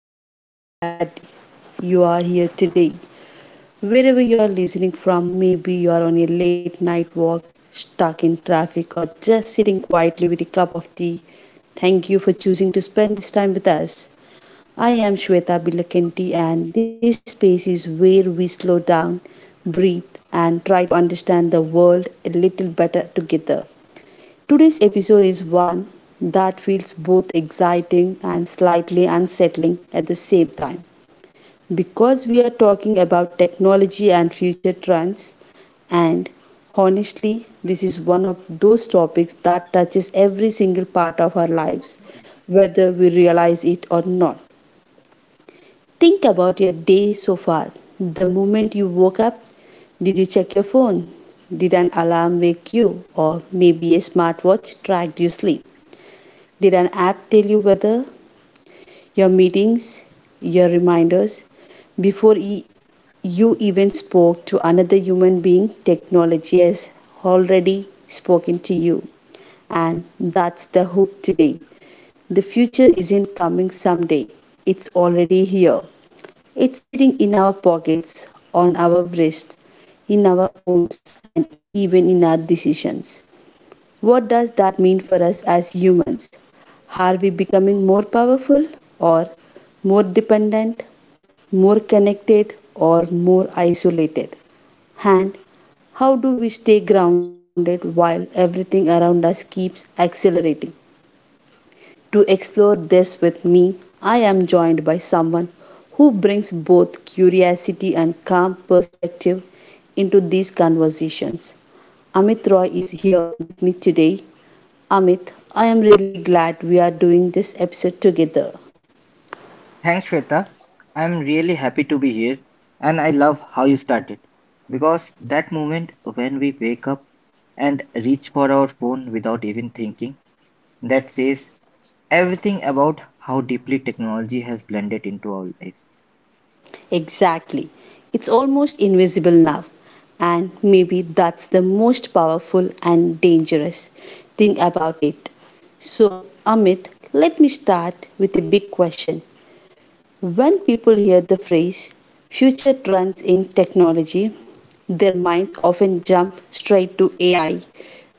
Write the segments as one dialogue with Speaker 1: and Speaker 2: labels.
Speaker 1: I am really glad you are here today. Wherever you are listening from, maybe you are on a late night walk, stuck in traffic, or just sitting quietly with a cup of tea. Thank you for choosing to spend this time with us. I am Shweta Bilakanti, and this space is where we slow down, breathe, and try to understand the world a little better together. Today's episode is one that feels both exciting and slightly unsettling at the same time because we are talking about technology and future trends, and honestly this is one of those topics that touches every single part of our lives whether we realize it or not. Think about your day so far. The moment you woke up, did you check your phone? Did an alarm wake you? Or maybe a smartwatch tracked your sleep? Did an app tell you whether your meetings, your reminders, before e- you even spoke to another human being, technology has already spoken to you. And that's the hook today. The future isn't coming someday, it's already here. It's sitting in our pockets, on our wrist, in our homes, and even in our decisions. What does that mean for us as humans? Are we becoming more powerful or more dependent, more connected or more isolated? And how do we stay grounded while everything around us keeps accelerating? To explore this with me, I am joined by someone who brings both curiosity and calm perspective into these conversations. Amit Roy is here with me today. Amit, I am really glad we are doing this episode together.
Speaker 2: Thanks, Shweta. I'm really happy to be here, and I love how you started because that moment when we wake up and reach for our phone without even thinking, that says everything about how deeply technology has blended into our lives.
Speaker 1: Exactly. It's almost invisible now. And maybe that's the most powerful and dangerous thing about it. So, Amit, let me start with a big question. When people hear the phrase future trends in technology, their minds often jump straight to AI,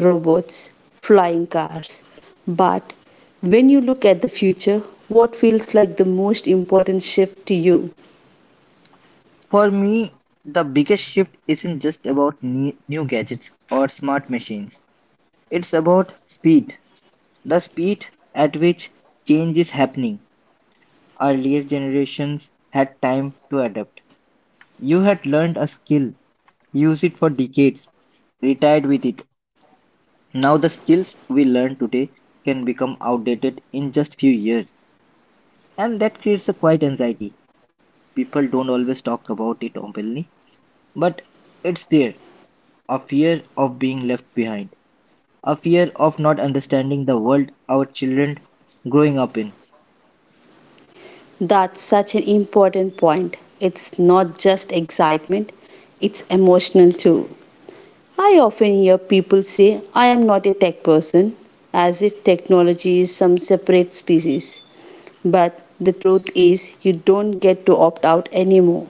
Speaker 1: robots, flying cars. But when you look at the future, what feels like the most important shift to you?
Speaker 2: For me, the biggest shift isn't just about new gadgets or smart machines, it's about speed. The speed at which change is happening. Earlier generations had time to adapt. You had learned a skill, used it for decades, retired with it. Now the skills we learn today can become outdated in just few years, and that creates a quiet anxiety. People don't always talk about it openly, but it's there. A fear of being left behind, a fear of not understanding the world our children growing up in.
Speaker 1: That's such an important point. It's not just excitement, it's emotional too. I often hear people say, I am not a tech person, as if technology is some separate species. But the truth is, you don't get to opt out anymore.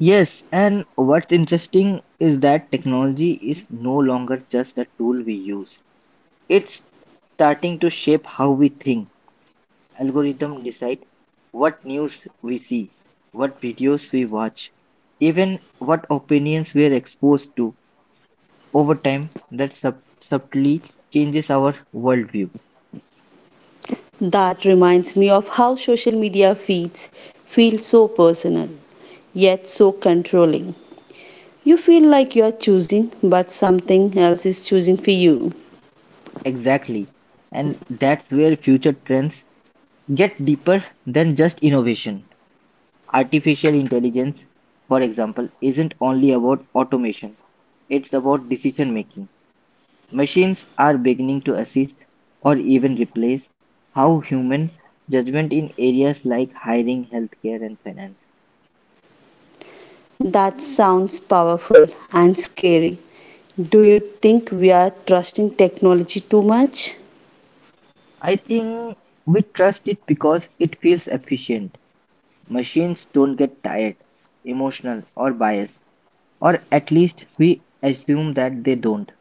Speaker 2: Yes, and what's interesting is that technology is no longer just a tool we use. It's starting to shape how we think. Algorithms decide what news we see, what videos we watch, even what opinions we are exposed to. Over time, that subtly changes our worldview.
Speaker 1: That reminds me of how social media feeds feel so personal, yet so controlling. You feel like you're choosing, but something else is choosing for you.
Speaker 2: Exactly. And that's where future trends get deeper than just innovation. Artificial intelligence, for example, isn't only about automation, it's about decision making. Machines are beginning to assist or even replace how human judgment in areas like hiring, healthcare, and finance.
Speaker 1: That sounds powerful and scary. Do you think we are trusting technology too much?
Speaker 2: I think we trust it because it feels efficient. Machines don't get tired, emotional, or biased, or at least we assume that they don't.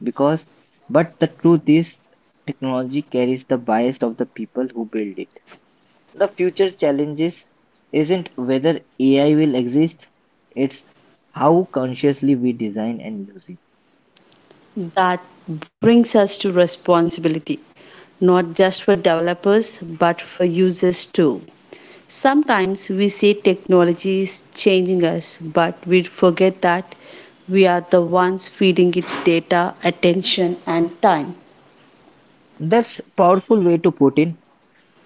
Speaker 2: Because, but the truth is, technology carries the bias of the people who build it. The future challenges isn't whether AI will exist, it's how consciously we design and use it.
Speaker 1: That brings us to responsibility, not just for developers, but for users too. Sometimes we say technology is changing us, but we forget that we are the ones feeding it data, attention, and time.
Speaker 2: That's powerful way to put in.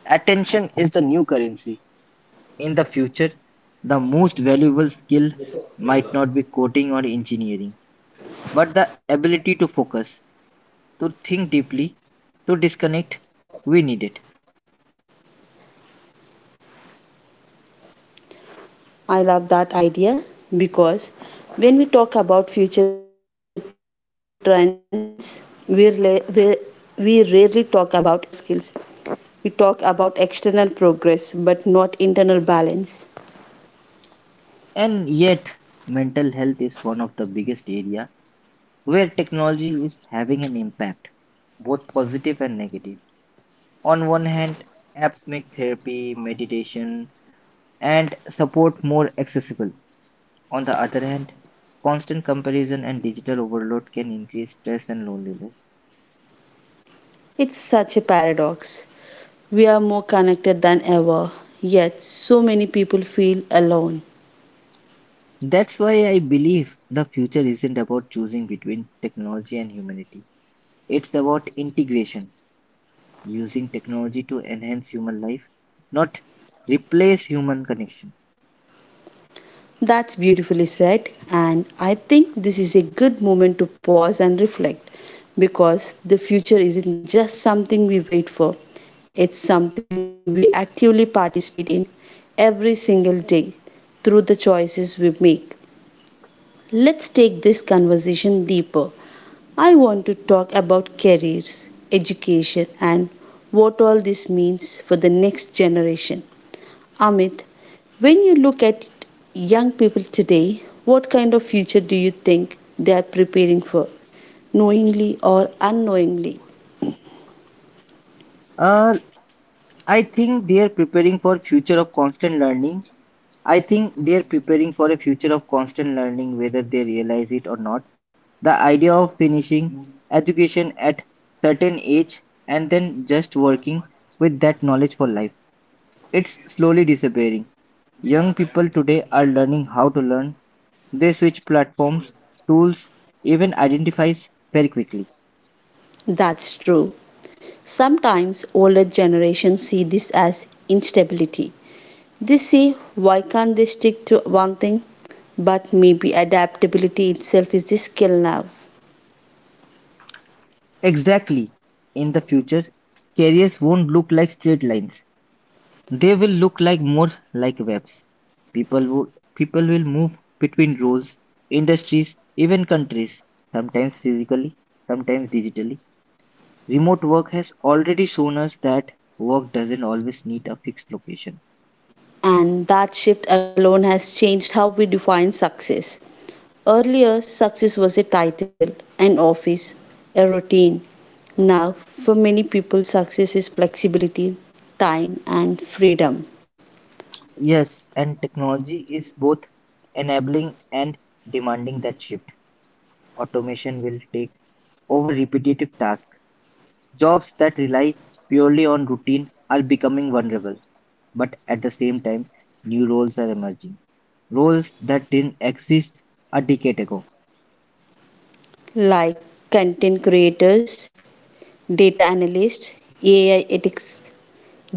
Speaker 2: Attention is the new currency. In the future, the most valuable skill might not be coding or engineering, but the ability to focus, to think deeply, to disconnect. We need it.
Speaker 1: I love that idea because when we talk about future trends, we, rela- we, we rarely talk about inner skills. We talk about external progress but not internal balance.
Speaker 2: And yet, mental health is one of the biggest areas where technology is having an impact, both positive and negative. On one hand, apps make therapy, meditation, and support more accessible. On the other hand, constant comparison and digital overload can increase stress and loneliness.
Speaker 1: It's such a paradox. We are more connected than ever, yet so many people feel alone.
Speaker 2: That's why I believe the future isn't about choosing between technology and humanity. It's about integration, using technology to enhance human life, not replace human connection.
Speaker 1: That's beautifully said, and I think this is a good moment to pause and reflect because the future isn't just something we wait for, it's something we actively participate in every single day through the choices we make. Let's take this conversation deeper. I want to talk about careers, education, and what all this means for the next generation. Amit, when you look at young people today, what kind of future do you think they are preparing for, knowingly or unknowingly?
Speaker 2: Uh, I think they are preparing for future of constant learning. I think they are preparing for a future of constant learning whether they realize it or not. The idea of finishing education at certain age and then just working with that knowledge for life. It's slowly disappearing. Young people today are learning how to learn. They switch platforms, tools, even identifies very quickly.
Speaker 1: That's true. Sometimes older generations see this as instability. They say, why can't they stick to one thing? But maybe adaptability itself is the skill now.
Speaker 2: Exactly. In the future, careers won't look like straight lines. They will look like more like webs. People would people will move between roles, industries, even countries, sometimes physically, sometimes digitally. Remote work has already shown us that work doesn't always need a fixed location.
Speaker 1: And that shift alone has changed how we define success. Earlier, success was a title, an office, a routine. Now, for many people, success is flexibility, time, and freedom,
Speaker 2: Yes, and technology is both enabling and demanding that shift. Automation will take over repetitive tasks. Jobs that rely purely on routine are becoming vulnerable, but at the same time, new roles are emerging. Roles that didn't exist a decade ago.
Speaker 1: like content creators, data analysts, AI ethics,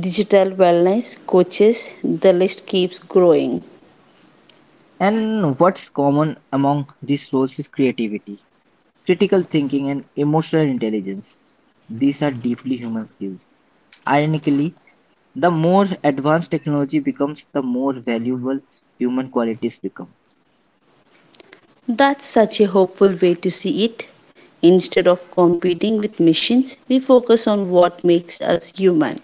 Speaker 1: digital wellness coaches. The list keeps growing.
Speaker 2: And what's common among these roles is creativity, critical thinking, and emotional intelligence. These are deeply human skills. Ironically, the more advanced technology becomes, the more valuable human qualities become.
Speaker 1: That's such a hopeful way to see it. Instead of competing with missions, we focus on what makes us human.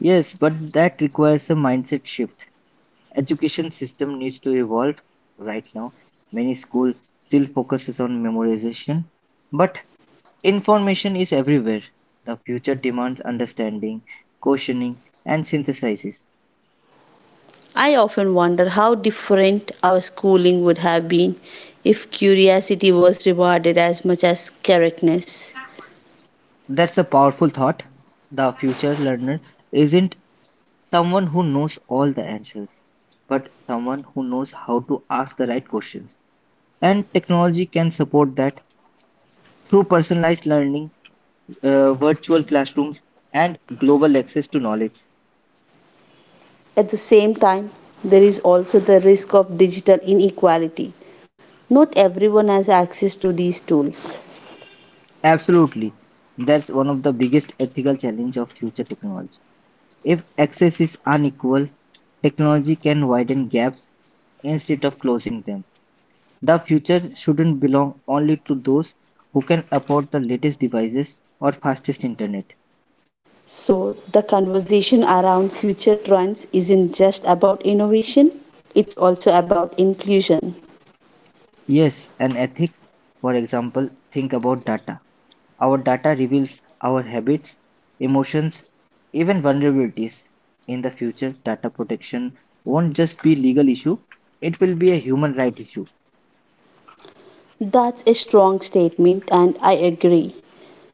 Speaker 2: Yes, but that requires a mindset shift. Education system needs to evolve right now. Many school still focuses on memorization, but information is everywhere. The future demands understanding, questioning, and synthesizes.
Speaker 1: I often wonder how different our schooling would have been if curiosity was rewarded as much as correctness.
Speaker 2: That's a powerful thought. The future learner isn't someone who knows all the answers, but someone who knows how to ask the right questions, and technology can support that through personalized learning, virtual classrooms, and global access to knowledge.
Speaker 1: At the same time, there is also the risk of digital inequality. Not everyone has access to these tools.
Speaker 2: Absolutely. That's one of the biggest ethical challenge of future technology. If access is unequal, technology can widen gaps instead of closing them. The future shouldn't belong only to those who can afford the latest devices or fastest internet.
Speaker 1: So, the conversation around future trends isn't just about innovation, it's also about inclusion.
Speaker 2: Yes, and ethics, for example, think about data. Our data reveals our habits, emotions, even vulnerabilities. In the future, data protection won't just be legal issue, it will be a human right issue.
Speaker 1: That's a strong statement, and I agree.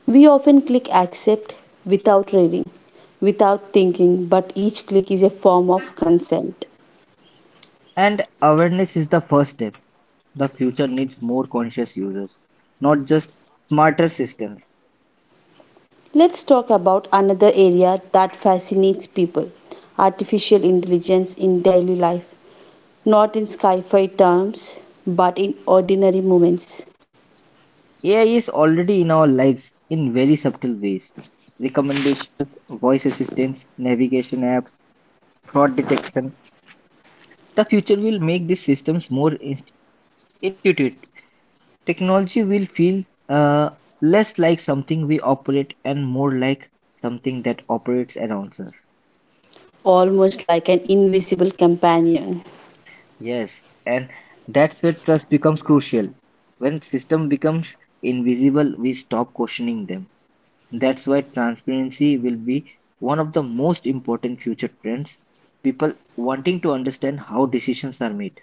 Speaker 1: We often click accept without reading, without thinking, but each click is a form of consent.
Speaker 2: And awareness is the first step. The future needs more conscious users, not just smarter systems.
Speaker 1: Let's talk about another area that fascinates people: artificial intelligence in daily life. Not in sci fi terms, but in ordinary moments,
Speaker 2: AI is already in our lives in very subtle ways. Recommendations, voice assistants, navigation apps, fraud detection. The future will make these systems more intuitive. Technology will feel less like something we operate and more like something that operates around us.
Speaker 1: almost like an invisible companion.
Speaker 2: Yes, and that's where trust becomes crucial. When system becomes invisible, we stop questioning them. That's why transparency will be one of the most important future trends. People wanting to understand how decisions are made.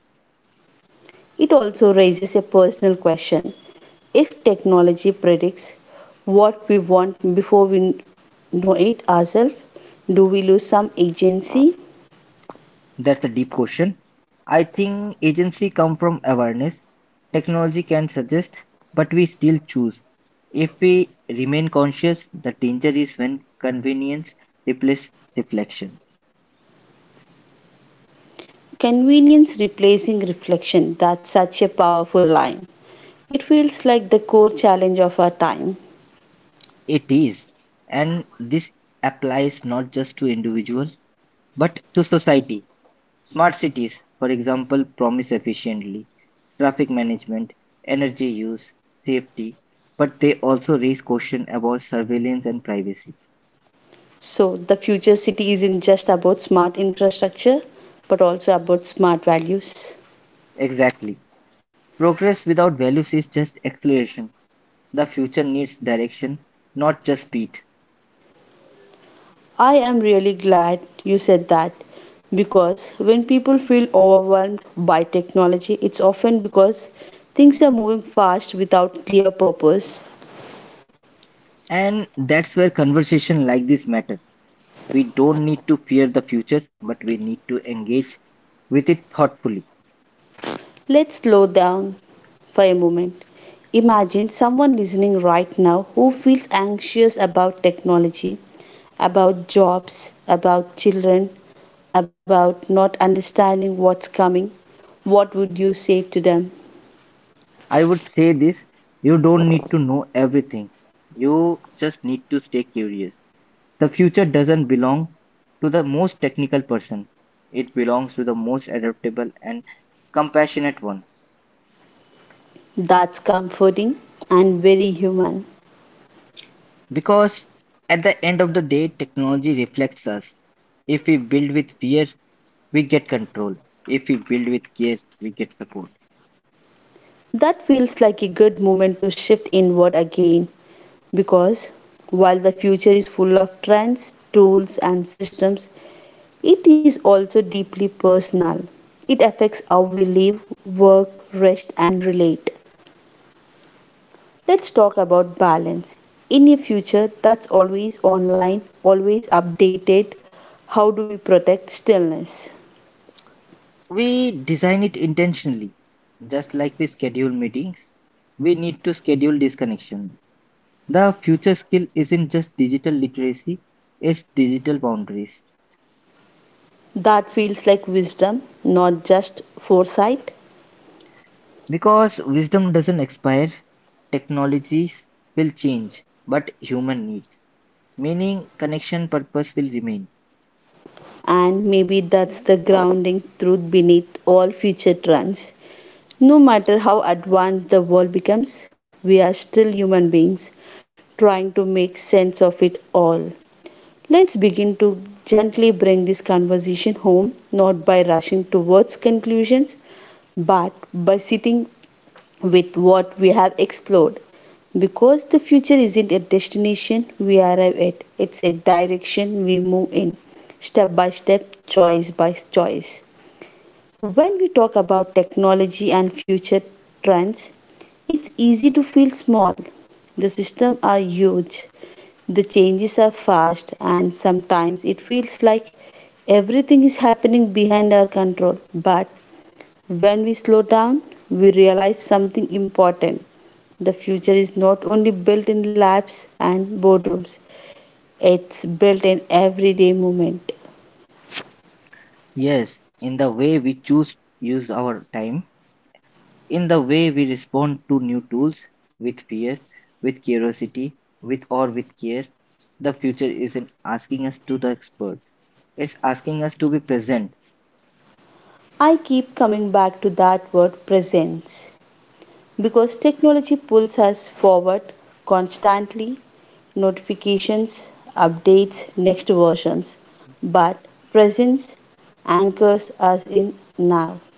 Speaker 1: It also raises a personal question. If technology predicts what we want before we know it ourselves, do we lose some agency?
Speaker 2: That's a deep question. I think agency come from awareness. Technology can suggest, but we still choose. If we remain conscious, the danger is when convenience replaces reflection.
Speaker 1: Convenience replacing reflection, that's such a powerful line. It feels like the core challenge of our time.
Speaker 2: It is. And this applies not just to individual, but to society. Smart cities, for example, promise efficiently traffic management, energy use, safety, but they also raise questions about surveillance and privacy.
Speaker 1: So, the future city isn't just about smart infrastructure, but also about smart values.
Speaker 2: Exactly. Progress without values is just acceleration. The future needs direction, not just speed.
Speaker 1: I am really glad you said that because when people feel overwhelmed by technology, it's often because things are moving fast without clear purpose.
Speaker 2: And that's where conversation like this matter. We don't need to fear the future, but we need to engage with it thoughtfully.
Speaker 1: Let's slow down for a moment. Imagine someone listening right now who feels anxious about technology, about jobs, about children, about not understanding what's coming. What would you say to them?
Speaker 2: I would say this, you don't need to know everything. You just need to stay curious. The future doesn't belong to the most technical person. It belongs to the most adaptable and compassionate one.
Speaker 1: That's comforting and very human.
Speaker 2: Because at the end of the day, technology reflects us. If we build with fear, we get control. If we build with care, we get support.
Speaker 1: That feels like a good moment to shift inward again because while the future is full of trends, tools, and systems, it is also deeply personal. It affects how we live, work, rest, and relate. Let's talk about balance. In a future that's always online, always updated, how do we protect stillness?
Speaker 2: We design it intentionally. Just like we schedule meetings, we need to schedule disconnections. The future skill isn't just digital literacy, it's digital boundaries.
Speaker 1: That feels like wisdom, not just foresight.
Speaker 2: Because wisdom doesn't expire, technologies will change, but human needs, meaning connection purpose will remain.
Speaker 1: And maybe that's the grounding truth beneath all future trends. No matter how advanced the world becomes, we are still human beings trying to make sense of it all. Let's begin to gently bring this conversation home, not by rushing towards conclusions, but by sitting with what we have explored. Because the future isn't a destination we arrive at, it's a direction we move in, step by step, choice by choice. When we talk about technology and future trends, it's easy to feel small. The systems are huge, the changes are fast, and sometimes it feels like everything is happening behind our control. But when we slow down, we realize something important. The future is not only built in labs and boardrooms, it's built in everyday movement.
Speaker 2: Yes, in the way we choose use our time, in the way we respond to new tools with fear, with curiosity, with or with care. The future isn't asking us to the experts. It's asking us to be present,
Speaker 1: I keep coming back to that word presence because technology pulls us forward constantly: notifications, updates, next versions. But presence anchors us in now.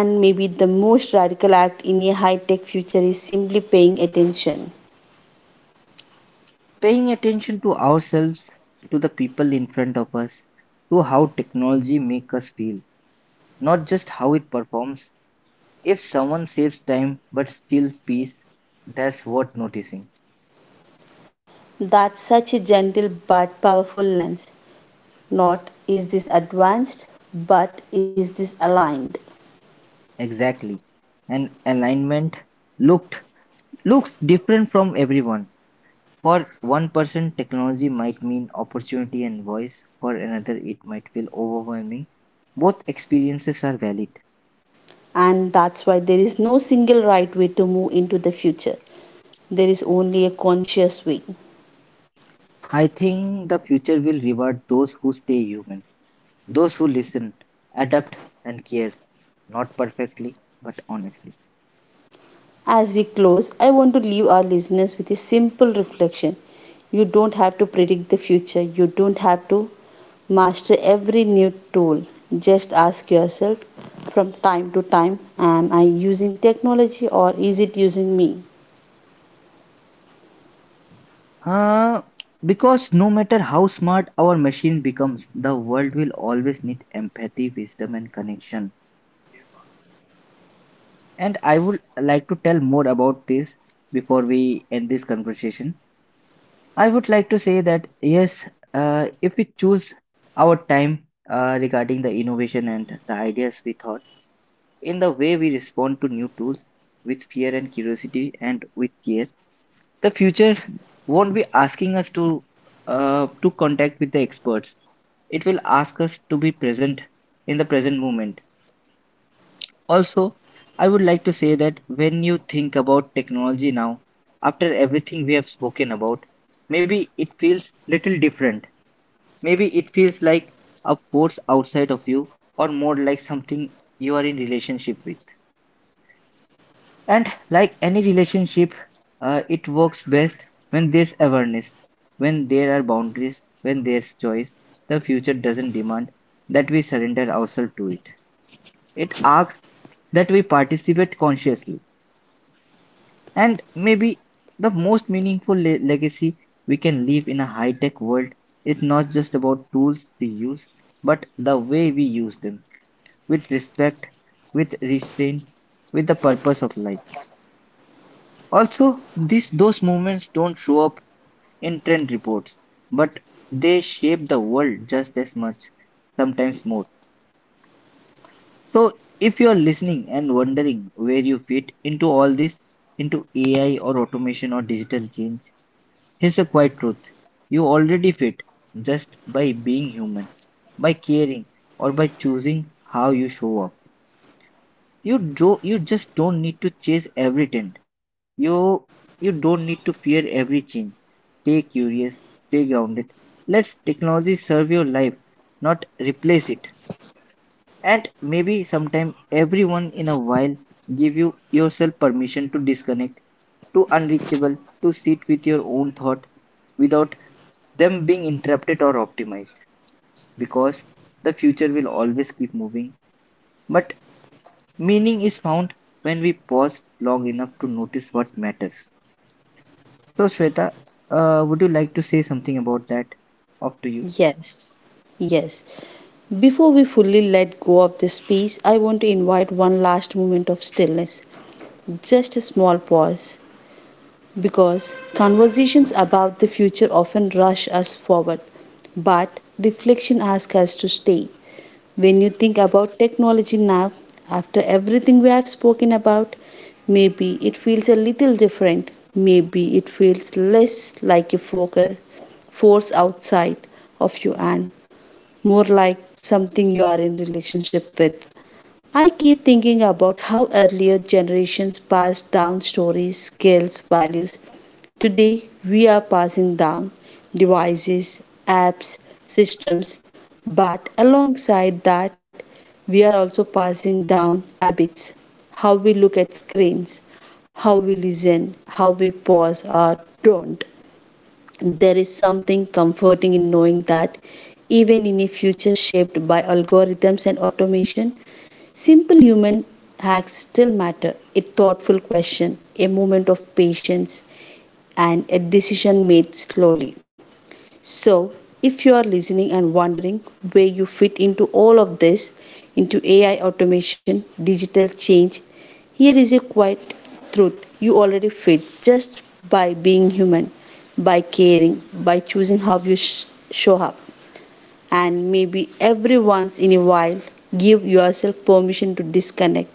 Speaker 1: And maybe the most radical act in a high tech future is simply paying attention.
Speaker 2: paying attention to ourselves, to the people in front of us, to how technology makes us feel, not just how it performs. If someone saves time but steals peace, that's worth noticing.
Speaker 1: That's such a gentle but powerful lens. Not is this advanced, but is this aligned?
Speaker 2: Exactly. And alignment looked looks different from everyone. For one person, technology might mean opportunity and voice. For another, it might feel overwhelming. Both experiences are valid.
Speaker 1: And that's why there is no single right way to move into the future. There is only a conscious way.
Speaker 2: I think the future will reward those who stay human, those who listen, adapt, and care, not perfectly, but honestly.
Speaker 1: As we close, I want to leave our listeners with a simple reflection. You don't have to predict the future, you don't have to master every new tool. Just ask yourself from time to time: am I using technology or is it using me?
Speaker 2: Uh, because no matter how smart our machine becomes, the world will always need empathy, wisdom, and connection. And I would like to tell more about this before we end this conversation. I would like to say that yes, if we choose our time regarding the innovation and the ideas we thought, in the way we respond to new tools with fear and curiosity and with care, the future won't be asking us to contact with the experts. It will ask us to be present in the present moment. Also, I would like to say that when you think about technology now, after everything we have spoken about, maybe it feels little different. Maybe it feels like a force outside of you or more like something you are in relationship with. And like any relationship, it works best when there's awareness, when there are boundaries, when there's choice. The future doesn't demand that we surrender ourselves to it. It asks that we participate consciously. And maybe the most meaningful legacy we can leave in a high tech world is not just about tools we use, but the way we use them with respect, with restraint, with the purpose of life. Also, these, those movements don't show up in trend reports, but they shape the world just as much, sometimes more. So, if you're listening and wondering where you fit into all this, into AI or automation or digital change, here's a quiet truth: you already fit just by being human, by caring, or by choosing how you show up. You just don't need to chase every trend. You, you don't need to fear every change. Stay curious, stay grounded. Let technology serve your life, not replace it. And maybe sometime everyone in a while give you yourself permission to disconnect, to unreachable, to sit with your own thought without them being interrupted or optimized because the future will always keep moving. But meaning is found when we pause long enough to notice what matters. So, Shweta, would you like to say something about that? Up to you.
Speaker 1: Yes, yes. Before we fully let go of this piece, I want to invite one last moment of stillness, just a small pause because conversations about the future often rush us forward, but reflection asks us to stay. When you think about technology now, after everything we have spoken about, maybe it feels a little different. Maybe it feels less like a focus, force outside of you and more like something you are in relationship with. I keep thinking about how earlier generations passed down stories, skills, values. Today, we are passing down devices, apps, systems, but alongside that, we are also passing down habits: how we look at screens, how we listen, how we pause or don't. There is something comforting in knowing that even in a future shaped by algorithms and automation, simple human hacks still matter. A thoughtful question, a moment of patience, and a decision made slowly. So, if you are listening and wondering where you fit into all of this, into AI automation, digital change, here is a quiet truth. You already fit just by being human, by caring, by choosing how you show up. And maybe every once in a while, give yourself permission to disconnect,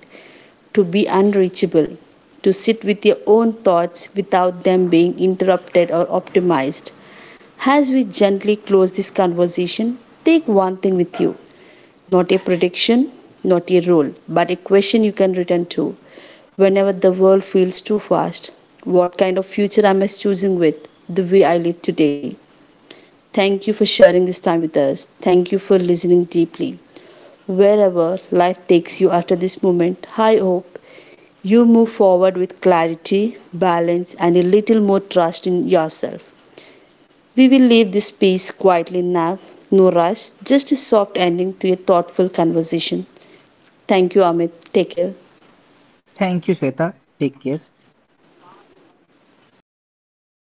Speaker 1: to be unreachable, to sit with your own thoughts without them being interrupted or optimized. As we gently close this conversation, take one thing with you: not a prediction, not a rule, but a question you can return to. Whenever the world feels too fast, what kind of future am I choosing with the way I live today? Thank you for sharing this time with us. Thank you for listening deeply. Wherever life takes you after this moment, I hope you move forward with clarity, balance, and a little more trust in yourself. We will leave this space quietly now, no rush, just a soft ending to a thoughtful conversation. Thank you, Amit. Take care.
Speaker 2: Thank you, Shweta. Take care.